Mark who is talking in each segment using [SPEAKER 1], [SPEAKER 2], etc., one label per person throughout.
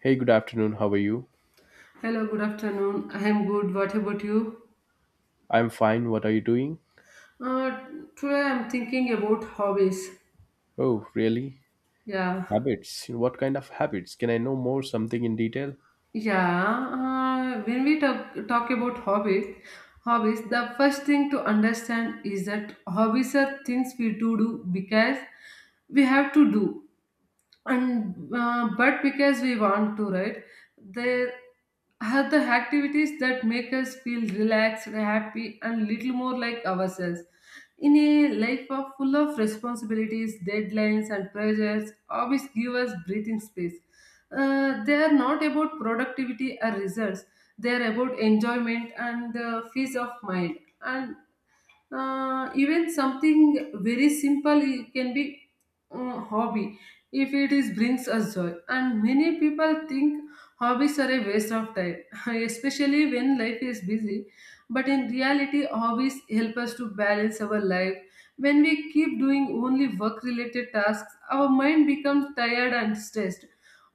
[SPEAKER 1] Hey, good afternoon. How are you?
[SPEAKER 2] Hello, good afternoon. I am good. What about you?
[SPEAKER 1] I'm fine. What are you doing?
[SPEAKER 2] Uh, Today I'm thinking about hobbies.
[SPEAKER 1] Oh, really?
[SPEAKER 2] Yeah,
[SPEAKER 1] Habits. What kind of habits? Can I know more something in detail?
[SPEAKER 2] yeah. When we talk about hobbies, the first thing to understand is that hobbies are things we do because we have to do. And but because we want to, right? There are the activities that make us feel relaxed, happy, and little more like ourselves. In a life of full of responsibilities, deadlines, and pressures, hobbies give us breathing space. They are not about productivity or results, they are about enjoyment and peace of mind. And even something very simple it can be hobby if it is brings us joy. And many people think hobbies are a waste of time, especially when life is busy. But in reality, hobbies help us to balance our life. When we keep doing only work related tasks, our mind becomes tired and stressed.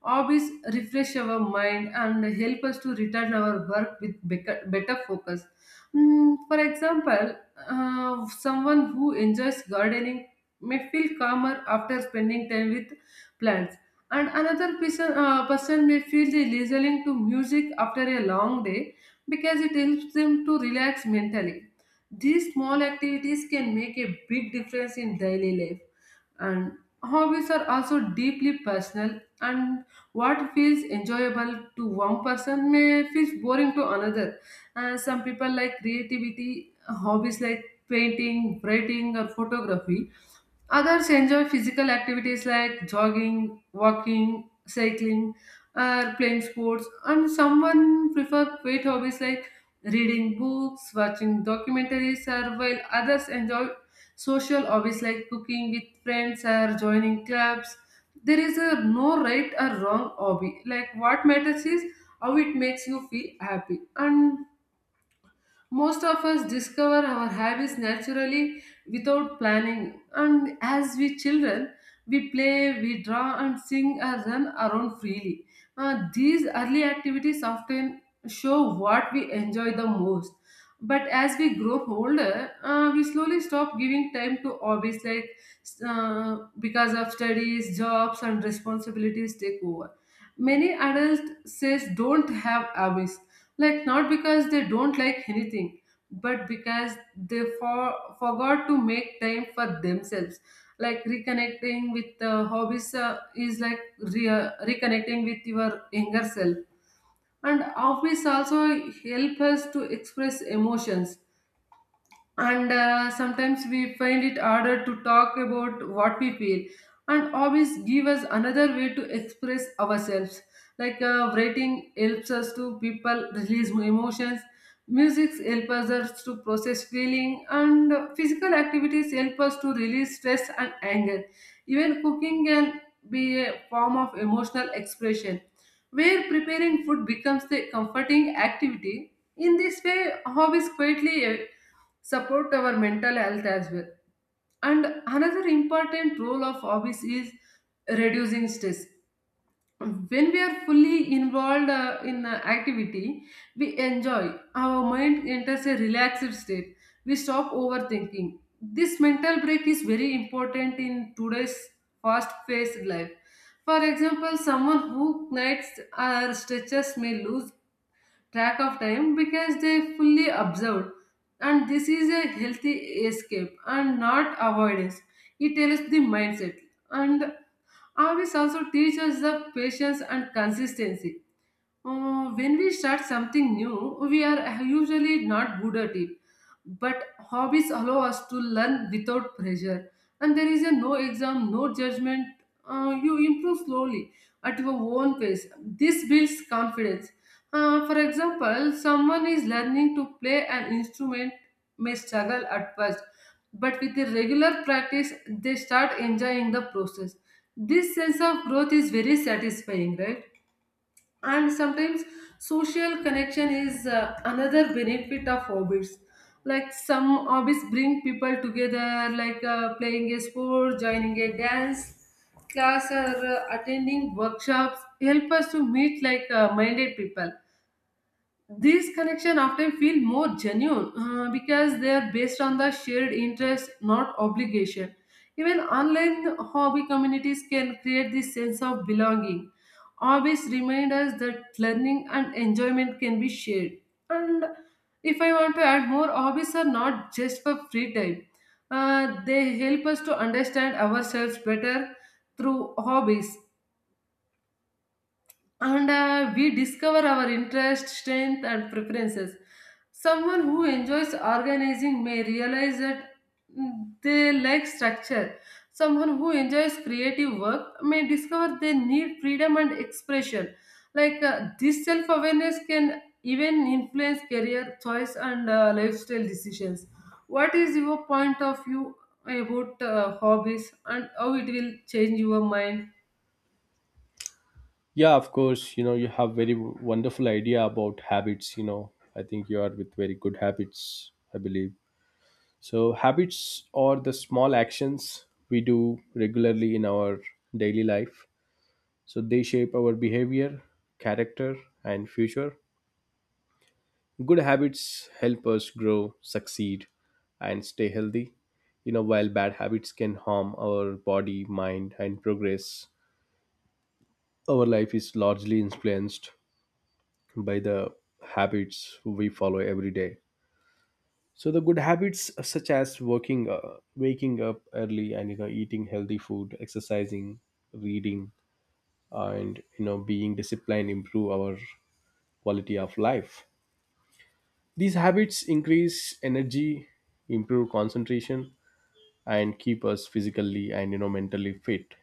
[SPEAKER 2] Hobbies refresh our mind and help us to return our work with better focus. Mm, for example, someone who enjoys gardening may feel calmer after spending time with plants, and another person may feel the listening to music after a long day because it helps them to relax mentally. These small activities can make a big difference in daily life. And hobbies are also deeply personal, and what feels enjoyable to one person may feel boring to another. And some people like creativity hobbies like painting, writing, or photography. Others enjoy physical activities like jogging, walking, cycling, or playing sports. And someone prefer quiet hobbies like reading books, watching documentaries, or while others enjoy social hobbies like cooking with friends or joining clubs. There is a no right or wrong hobby. Like, what matters is how it makes you feel happy. And most of us discover our habits naturally without planning, and as we children, we play, we draw, and sing or run around freely. These early activities often show what we enjoy the most. But as we grow older, we slowly stop giving time to hobbies, like because of studies, jobs, and responsibilities take over. Many adults says don't have hobbies, like not because they don't like anything, but because they forgot to make time for themselves. Like reconnecting with hobbies is like reconnecting with your younger self. And hobbies also help us to express emotions, and sometimes we find it harder to talk about what we feel, and hobbies give us another way to express ourselves. Like, writing helps us to people release emotions, music helps us to process feeling, and physical activities help us to release stress and anger. Even cooking can be a form of emotional expression, where preparing food becomes the comforting activity. In this way, hobbies quietly support our mental health as well. And another important role of hobbies is reducing stress. When we are fully involved in activity, we enjoy. Our mind enters a relaxed state. We stop overthinking. This mental break is very important in today's fast-paced life. For example, someone who nights or stretches may lose track of time because they fully observed, and this is a healthy escape and not avoidance. It tells the mindset. And hobbies also teach us the patience and consistency. When we start something new, we are usually not good at it. But hobbies allow us to learn without pressure. And there is a no exam, no judgment. You improve slowly at your own pace. This builds confidence. For example, someone is learning to play an instrument may struggle at first, but with the regular practice, they start enjoying the process. This sense of growth is very satisfying, right? And sometimes social connection is another benefit of hobbies. Like some hobbies bring people together, like playing a sport, joining a dance class, or attending workshops help us to meet like minded people. These connections often feel more genuine, because they are based on the shared interest, not obligation. Even online hobby communities can create this sense of belonging. Hobbies remind us that learning and enjoyment can be shared. And if I want to add more, hobbies are not just for free time. They help us to understand ourselves better through hobbies, and we discover our interest, strength, and preferences. Someone who enjoys organizing may realize that, mm, they like structure. Someone who enjoys creative work may discover they need freedom and expression. Like, this self awareness can even influence career choice and lifestyle decisions. What is your point of view about hobbies and how it will change your mind?
[SPEAKER 1] Yeah, of course. You have very wonderful idea about habits. I think you are with very good habits, I believe. So, habits are the small actions we do regularly in our daily life. So, they shape our behavior, character, and future. Good habits help us grow, succeed, and stay healthy. While bad habits can harm our body, mind, and progress, our life is largely influenced by the habits we follow every day. So the good habits such as working, waking up early, and eating healthy food, exercising, reading, and being disciplined improve our quality of life. These habits increase energy, improve concentration, and keep us physically and mentally fit.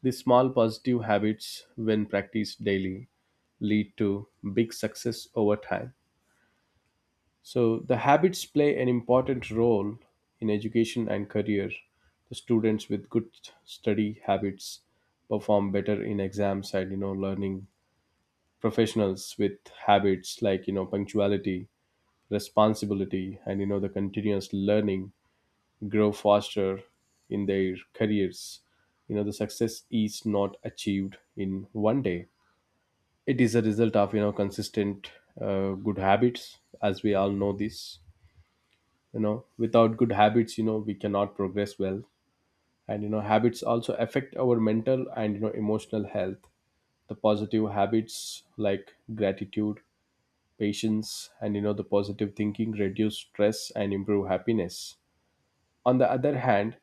[SPEAKER 1] These small positive habits, when practiced daily, lead to big success over time. So the habits play an important role in education and career. The students with good study habits perform better in exams, and learning professionals with habits like punctuality, responsibility, and the continuous learning grow faster in their careers. The success is not achieved in one day. It is a result of consistent good habits, as we all know this. Without good habits, we cannot progress well. And habits also affect our mental and emotional health. The positive habits like gratitude, patience, and the positive thinking reduce stress and improve happiness. On the other hand,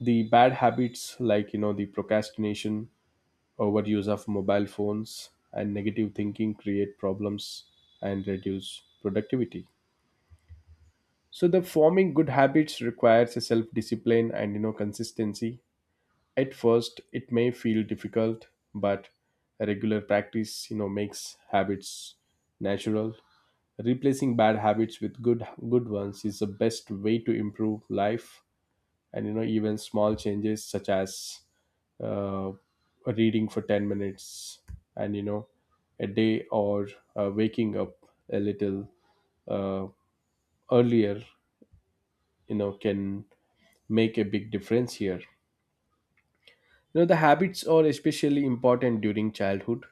[SPEAKER 1] the bad habits like the procrastination, overuse of mobile phones, and negative thinking create problems and reduce productivity. So the forming good habits requires a self discipline and consistency. At first it may feel difficult, but a regular practice makes habits natural. Replacing bad habits with good ones is the best way to improve life. And even small changes such as uh, reading for 10 minutes and a day, or waking up a little uh, earlier can make a big difference here. The habits are especially important during childhood.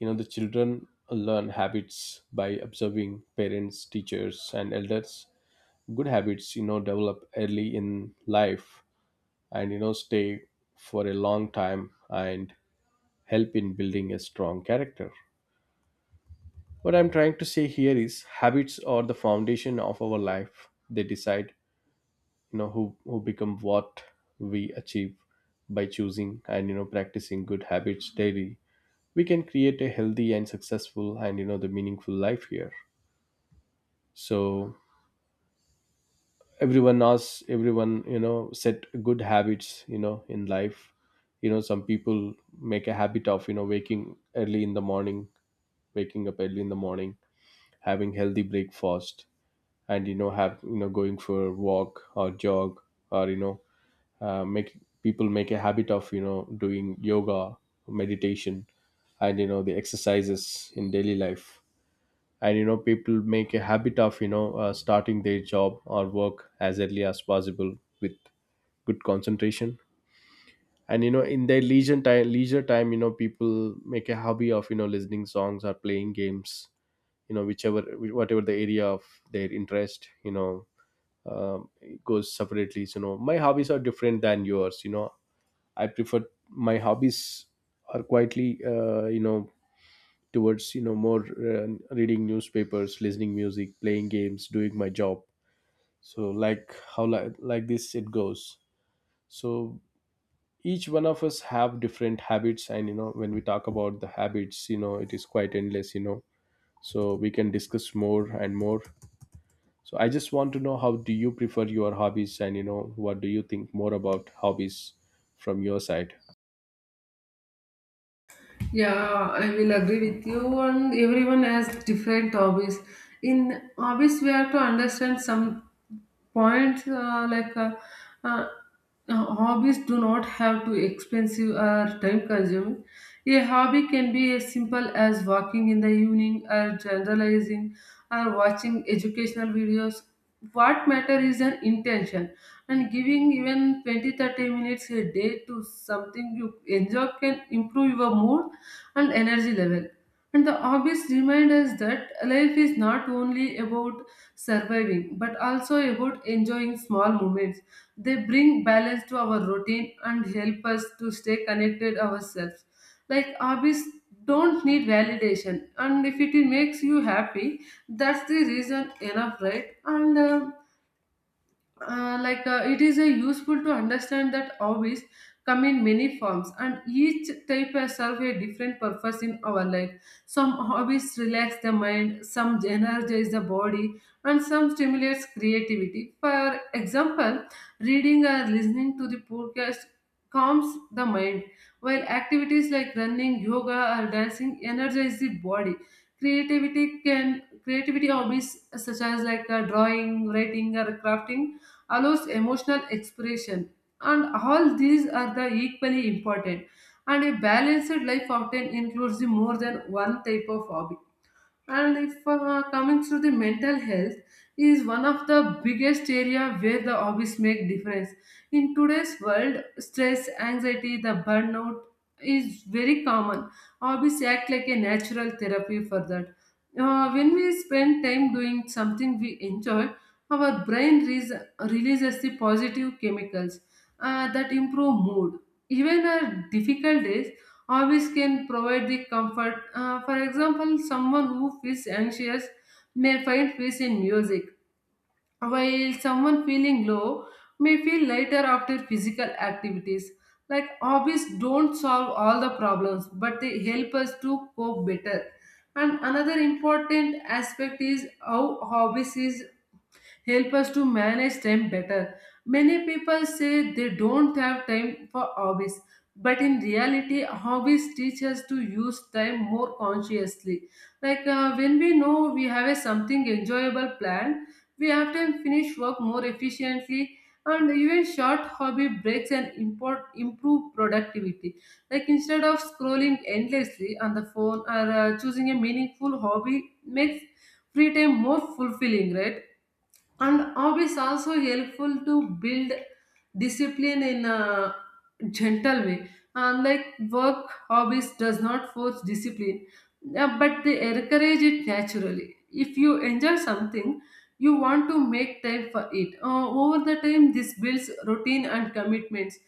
[SPEAKER 1] The children learn habits by observing parents, teachers, and elders. Good habits develop early in life, and stay for a long time and help in building a strong character. What I'm trying to say here is habits are the foundation of our life. They decide, you know, who become what we achieve by choosing and practicing good habits daily. We can create a healthy and successful and the meaningful life here. So everyone knows everyone set good habits in life. Some people make a habit of waking early in the morning, waking up early in the morning, having healthy breakfast, and have going for a walk or jog, or make people make a habit of doing yoga, meditation, and the exercises in daily life. And people make a habit of starting their job or work as early as possible with good concentration. And in their leisure time, people make a hobby of listening songs or playing games. Whichever, whatever the area of their interest, it goes separately. So, my hobbies are different than yours. I prefer my hobbies are quietly towards more reading newspapers, listening music, playing games, doing my job. So like how like this it goes. So each one of us have different habits, and when we talk about the habits, it is quite endless, so we can discuss more and more. So I just want to know how do you prefer your hobbies, and what do you think more about hobbies from your side?
[SPEAKER 2] Yeah, I will agree with you. And everyone has different hobbies. In hobbies, we have to understand some points, uh, hobbies do not have to expensive or time consuming. A hobby can be as simple as walking in the evening or generalizing or watching educational videos. What matters is an intention, and giving even 20-30 minutes a day to something you enjoy can improve your mood and energy level. And the hobbies remind us that life is not only about surviving but also about enjoying small moments. They bring balance to our routine and help us to stay connected ourselves. Like, hobbies don't need validation, and if it makes you happy, that's the reason enough, right? And like it is useful to understand that hobbies come in many forms and each type has serve a different purpose in our life. Some hobbies relax the mind, some energize the body, and some stimulates creativity. For example, reading or listening to the podcast calms the mind, while activities like running, yoga, or dancing energize the body. Creativity hobbies such as, like, drawing, writing, or crafting allows emotional expression. And all these are the equally important. And a balanced life often includes the more than one type of hobby. And if coming through the mental health is one of the biggest area where the hobbies make difference. In today's world, stress, anxiety, the burnout is very common. Hobbies act like a natural therapy for that. When we spend time doing something we enjoy, our brain releases the positive chemicals that improve mood. Even our difficult days, hobbies can provide the comfort. For example, someone who feels anxious may find peace in music, while someone feeling low may feel lighter after physical activities. Like, hobbies don't solve all the problems, but they help us to cope better. And another important aspect is how hobbies is help us to manage time better. Many people say they don't have time for hobbies, but in reality, hobbies teach us to use time more consciously. Like, when we know we have a something enjoyable planned, we often finish work more efficiently. And even short hobby breaks improve productivity. Like instead of scrolling endlessly on the phone, or choosing a meaningful hobby makes free time more fulfilling, right? And hobbies also helpful to build discipline in a gentle way. Unlike work, hobbies does not force discipline, but they encourage it naturally. If you enjoy something, you want to make time for it. Over the time, this builds routine and commitments.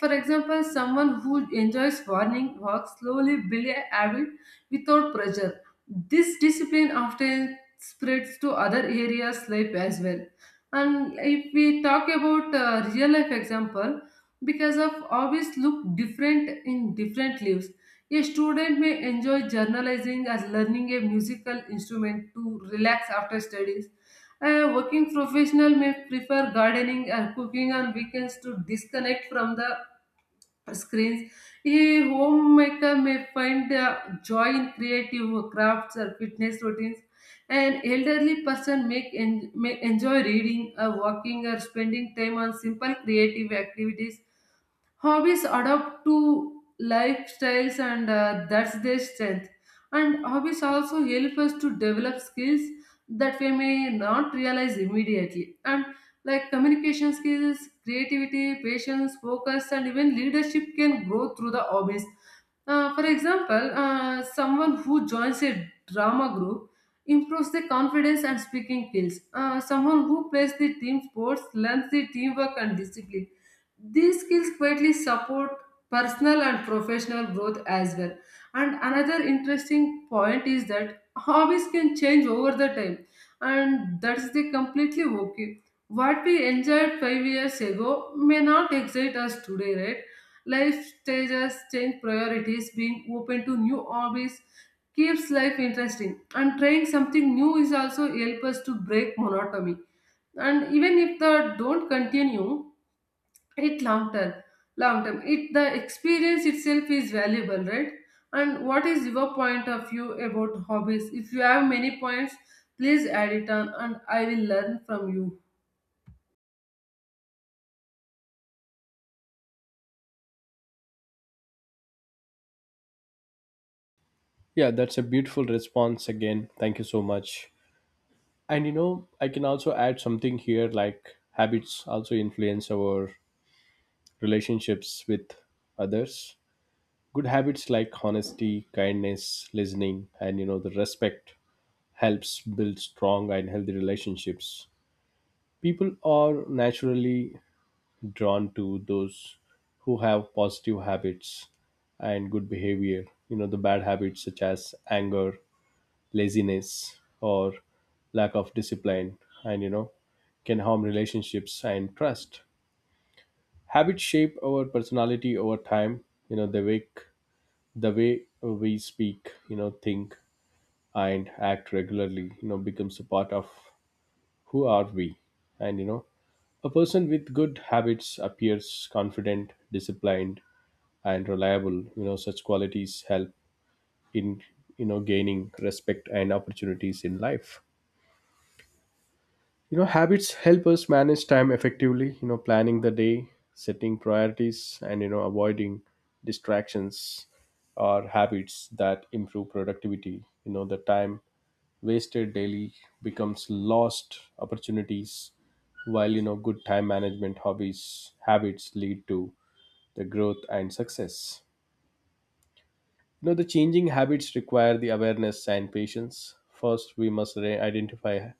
[SPEAKER 2] For example, someone who enjoys morning walk slowly build a habit without pressure. This discipline often spreads to other areas life as well. And if we talk about real life example, because of hobbies look different in different lives. A student may enjoy journalizing as learning a musical instrument to relax after studies. A working professional may prefer gardening and cooking on weekends to disconnect from the screens. A homemaker may find joy in creative crafts or fitness routines. An elderly person may enjoy reading or walking or spending time on simple creative activities. Hobbies adapt to lifestyles, and that's their strength. And hobbies also help us to develop skills that we may not realize immediately. And like communication skills, creativity, patience, focus, and even leadership can grow through the hobbies. For example, someone who joins a drama group improves their confidence and speaking skills. Someone who plays the team sports learns the teamwork and discipline. These skills quietly support personal and professional growth as well. And another interesting point is that hobbies can change over the time, and that's the completely okay. What we enjoyed 5 years ago may not excite us today, right? Life stages change priorities, being open to new hobbies keeps life interesting. And trying something new is also help us to break monotony. And even if the don't continue, it long term. Long term. It the experience itself is valuable, right? And what is your point of view about hobbies? If you have many points, please add it on and I will learn from you.
[SPEAKER 1] Yeah, that's a beautiful response again. Thank you so much. And you know, I can also add something here, like habits also influence our relationships with others. Good habits like honesty, kindness, listening, and the respect helps build strong and healthy relationships. People are naturally drawn to those who have positive habits and good behavior. You know, the bad habits such as anger, laziness, or lack of discipline, and can harm relationships and trust. Habits shape our personality over time. You know, they wake the way we speak, you know, think, and act regularly, you know, becomes a part of who are we. And a person with good habits appears confident, disciplined, and reliable. Such qualities help in gaining respect and opportunities in life. Habits help us manage time effectively. Planning the day, setting priorities, and avoiding distractions are habits that improve productivity. The time wasted daily becomes lost opportunities, while good time management hobbies habits lead to the growth and success. You know, the changing habits require the awareness and patience. First, we must identify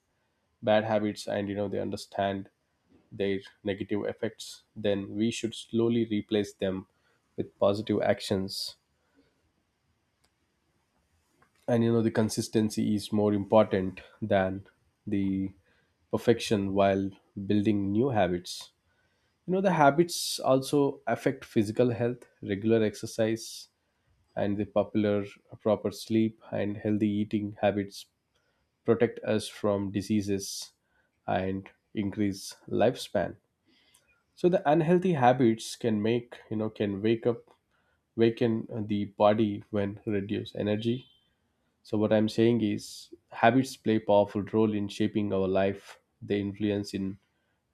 [SPEAKER 1] bad habits, and they understand their negative effects. Then we should slowly replace them with positive actions. And you know, the consistency is more important than the perfection while building new habits. You know, the habits also affect physical health, regular exercise, and the popular proper sleep and healthy eating habits protect us from diseases and increase lifespan. So the unhealthy habits can make can wake up waken the body when reduce energy. So what I'm saying is habits play powerful role in shaping our life. They influence in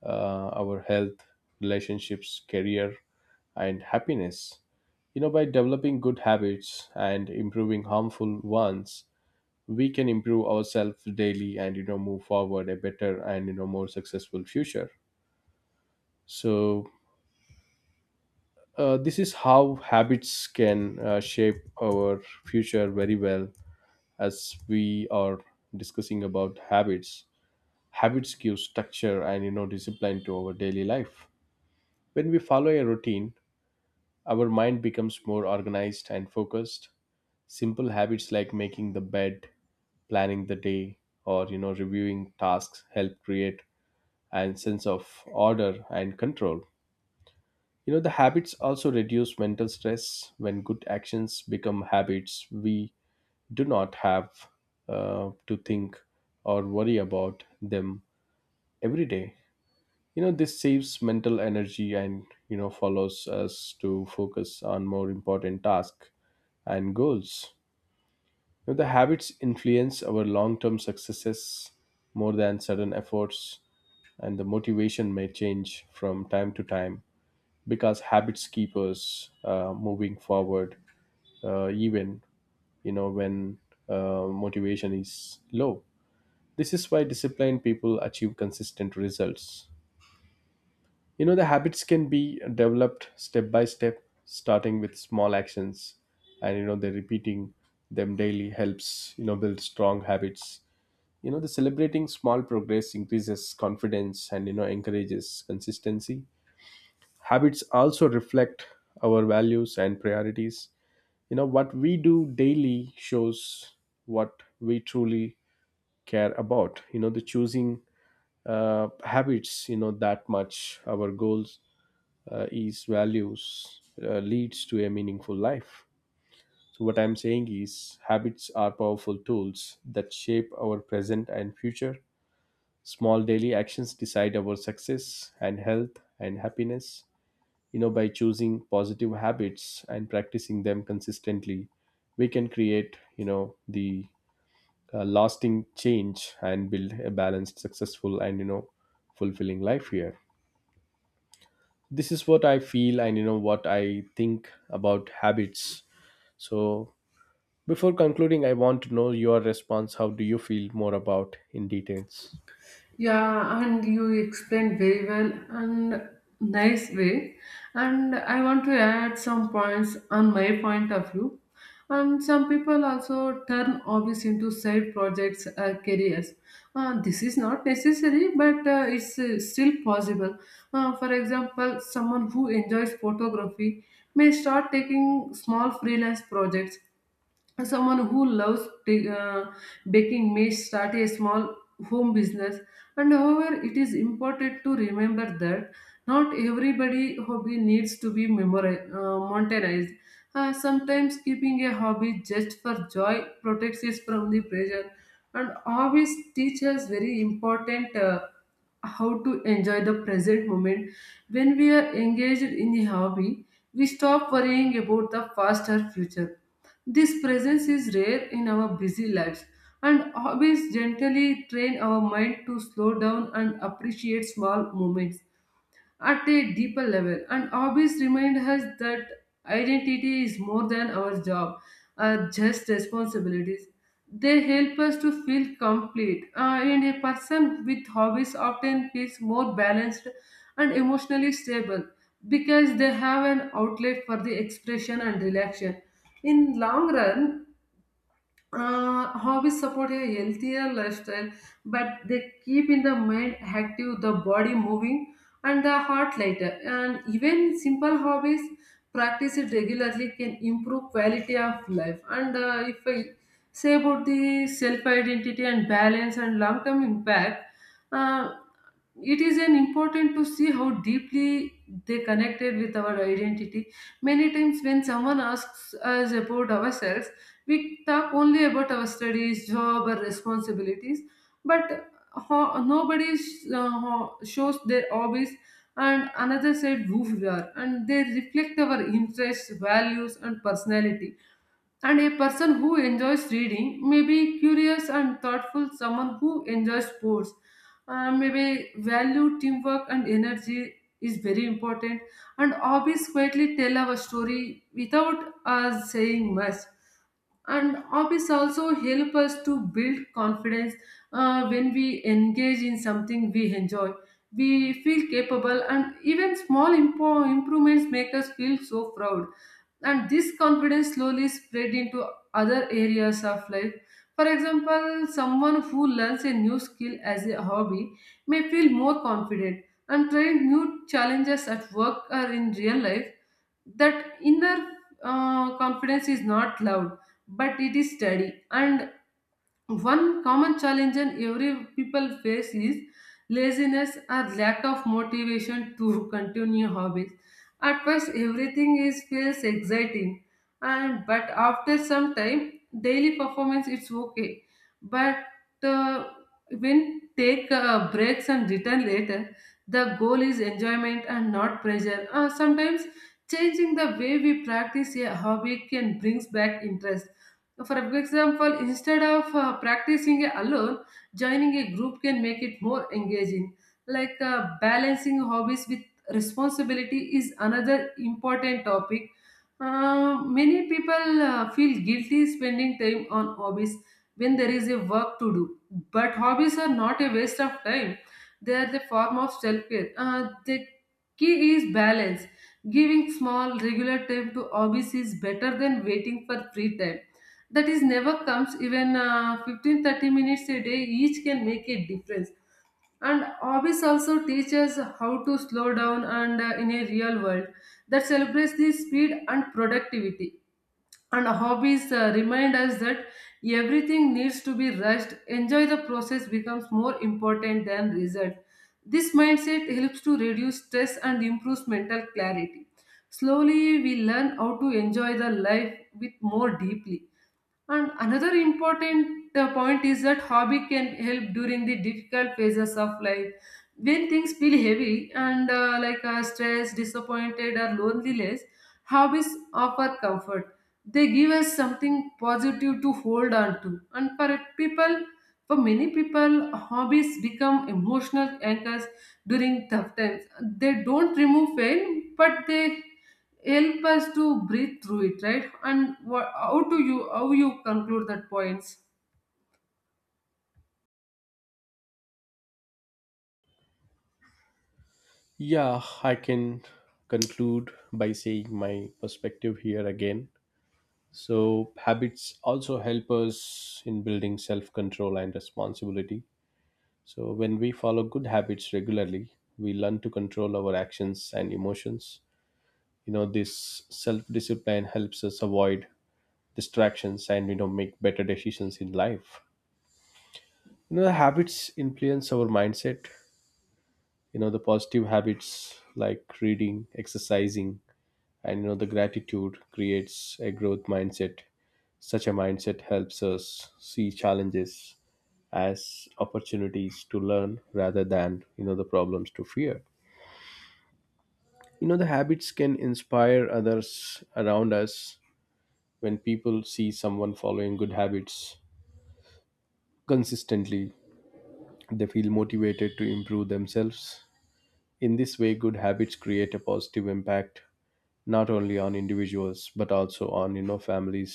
[SPEAKER 1] our health, relationships, career, and happiness. By developing good habits and improving harmful ones, we can improve ourselves daily, and move forward a better and more successful future. So this is how habits can shape our future very well. As we are discussing about habits, habits give structure and discipline to our daily life. When we follow a routine, our mind becomes more organized and focused. Simple habits like making the bed, planning the day, or reviewing tasks help create and sense of order and control. You know, the habits also reduce mental stress. When good actions become habits, we do not have to think or worry about them every day. You know, this saves mental energy, and, you know, follows us to focus on more important tasks and goals. You know, the habits influence our long term successes more than sudden efforts, and the motivation may change from time to time, because habits keep us moving forward, even when motivation is low. This is why disciplined people achieve consistent results. The habits can be developed step by step, starting with small actions, and the repeating them daily helps build strong habits. The celebrating small progress increases confidence, and encourages consistency. Habits also reflect our values and priorities. What we do daily shows what we truly care about. The choosing habits that much our goals, is values, leads to a meaningful life. So what I'm saying is habits are powerful tools that shape our present and future. Small daily actions decide our success and health and happiness. By choosing positive habits and practicing them consistently, we can create the lasting change and build a balanced, successful, and fulfilling life here. This is what I feel, and what I think about habits. So before concluding, I want to know your response. How do you feel more about in details?
[SPEAKER 2] Yeah, and you explained very well and nice way. And I want to add some points on my point of view. And some people also turn hobbies into side projects or careers. This is not necessary, but it's still possible. For example, someone who enjoys photography may start taking small freelance projects, someone who loves baking may start a small home business. And however, it is important to remember that not everybody hobby needs to be memorized, monetized. Sometimes keeping a hobby just for joy protects us from the pressure and always teach us very important, how to enjoy the present moment. When we are engaged in a hobby, we stop worrying about the faster future. This presence is rare in our busy lives, and hobbies gently train our mind to slow down and appreciate small moments at a deeper level. And hobbies remind us that identity is more than our job, just responsibilities. They help us to feel complete, and a person with hobbies often feels more balanced and emotionally stable because they have an outlet for the expression and relaxation. In long run, hobbies support a healthier lifestyle, but they keep in the mind active, the body moving, and the heart lighter. And even simple hobbies practiced regularly can improve quality of life. And if I say about the self identity and balance and long term impact, uh, it is an important to see how deeply they connected with our identity. Many times when someone asks us about ourselves, we talk only about our studies, job, or responsibilities, but shows their hobbies, and another said who we are, and they reflect our interests, values, and personality. And a person who enjoys reading may be curious and thoughtful, someone who enjoys sports. May be value, teamwork, and energy is very important. And hobbies quietly tell our story without us saying much, and hobbies also help us to build confidence. Uh, when we engage in something we enjoy, we feel capable, and even small improvements make us feel so proud, and this confidence slowly spread into other areas of life. For example, someone who learns a new skill as a hobby may feel more confident and try new challenges at work or in real life. That inner confidence is not loud but it is steady. And one common challenge and every people face is laziness or lack of motivation to continue hobbies. At first, everything is feels exciting, and but after some time, daily performance it's okay. But uh, when take breaks and return later, the goal is enjoyment and not pressure. Sometimes changing the way we practice a hobby can brings back interest. For example, instead of practicing alone, joining a group can make it more engaging. Like, balancing hobbies with responsibility is another important topic. Many people feel guilty spending time on hobbies when there is a work to do. But hobbies are not a waste of time, they are the form of self care. The key is balance. Giving small, regular time to hobbies is better than waiting for free time that is never comes. Even 15 30 minutes a day each can make a difference. And hobbies also teach us how to slow down, and in a real world that celebrates the speed and productivity. And hobbies remind us that everything needs to be rushed, enjoy the process becomes more important than result. This mindset helps to reduce stress and improves mental clarity. Slowly we learn how to enjoy the life with more deeply. And another important point is that hobby can help during the difficult phases of life. When things feel heavy and, stress, disappointed, or loneliness, hobbies offer comfort. They give us something positive to hold on to. For many people, hobbies become emotional anchors during tough times. They don't remove pain, but they help us to breathe through it, right? And how you conclude that points?
[SPEAKER 1] Yeah, I can conclude by saying my perspective here again. So, habits also help us in building self control and responsibility. So, when we follow good habits regularly, we learn to control our actions and emotions. You know, this self discipline helps us avoid distractions, and, you know, make better decisions in life. You know, the habits influence our mindset. You know, the positive habits like reading, exercising, and the gratitude creates a growth mindset. Such a mindset helps us see challenges as opportunities to learn, rather than the problems to fear. The habits can inspire others around us. When people see someone following good habits consistently, they feel motivated to improve themselves. In this way, good habits create a positive impact not only on individuals, but also on families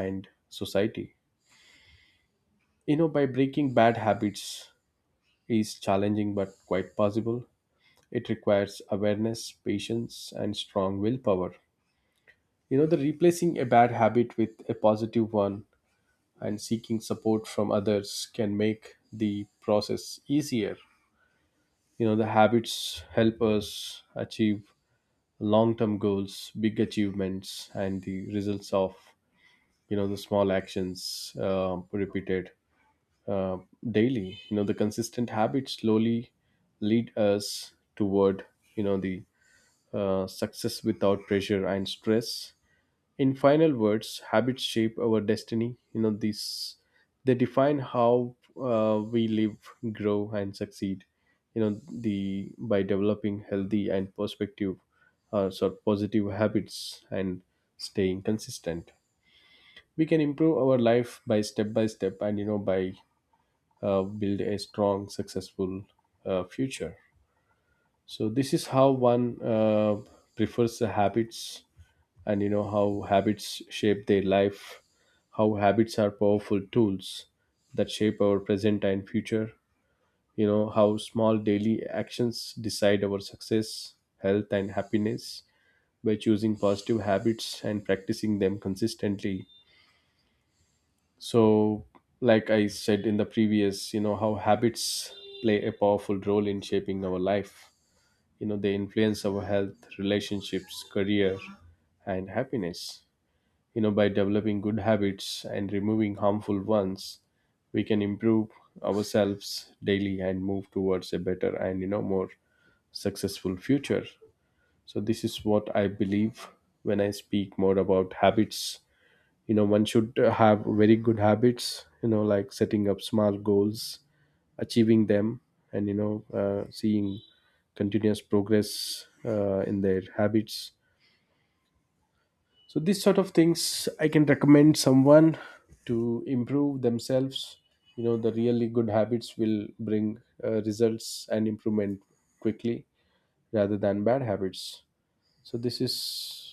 [SPEAKER 1] and society. You know, by breaking bad habits is challenging but quite possible. It requires awareness, patience, and strong willpower. You know, the replacing a bad habit with a positive one and seeking support from others can make the process easier. You know, the habits help us achieve long term goals, big achievements, and the results of, you know, the small actions repeated uh, daily. The consistent habits slowly lead us toward the success without pressure and stress. In final words, habits shape our destiny. These, they define how we live, grow, and succeed. The by developing healthy and perspective sort of positive habits, and staying consistent, we can improve our life by step by step, and by build a strong, successful future. So this is how one prefers the habits, and you know how habits shape their life, how habits are powerful tools that shape our present and future. You know how small daily actions decide our success, health, and happiness. By choosing positive habits and practicing them consistently, so, like I said in the previous, you know, how habits play a powerful role in shaping our life. You know, they influence our health, relationships, career, and happiness. You know, by developing good habits and removing harmful ones, we can improve ourselves daily and move towards a better and, you know, more successful future. So, this is what I believe. When I speak more about habits, one should have very good habits, like setting up small goals, achieving them, and seeing continuous progress in their habits. So these sort of things I can recommend someone to improve themselves. The really good habits will bring results and improvement quickly rather than bad habits. So this is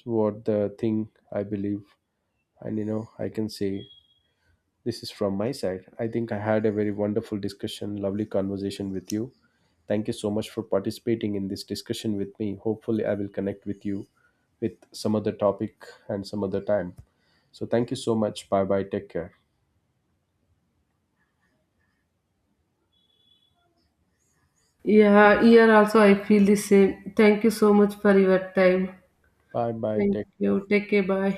[SPEAKER 1] what the thing I believe, and I can say, this is from my side. I think I had a very wonderful discussion, lovely conversation with you. Thank you so much for participating in this discussion with me. Hopefully, I will connect with you with some other topic and some other time. So, thank you so much. Bye bye. Take care.
[SPEAKER 2] Yeah, here also I feel the same. Thank you so much for your time.
[SPEAKER 1] Bye bye.
[SPEAKER 2] Thank
[SPEAKER 1] Take care.
[SPEAKER 2] you. Take care. Bye.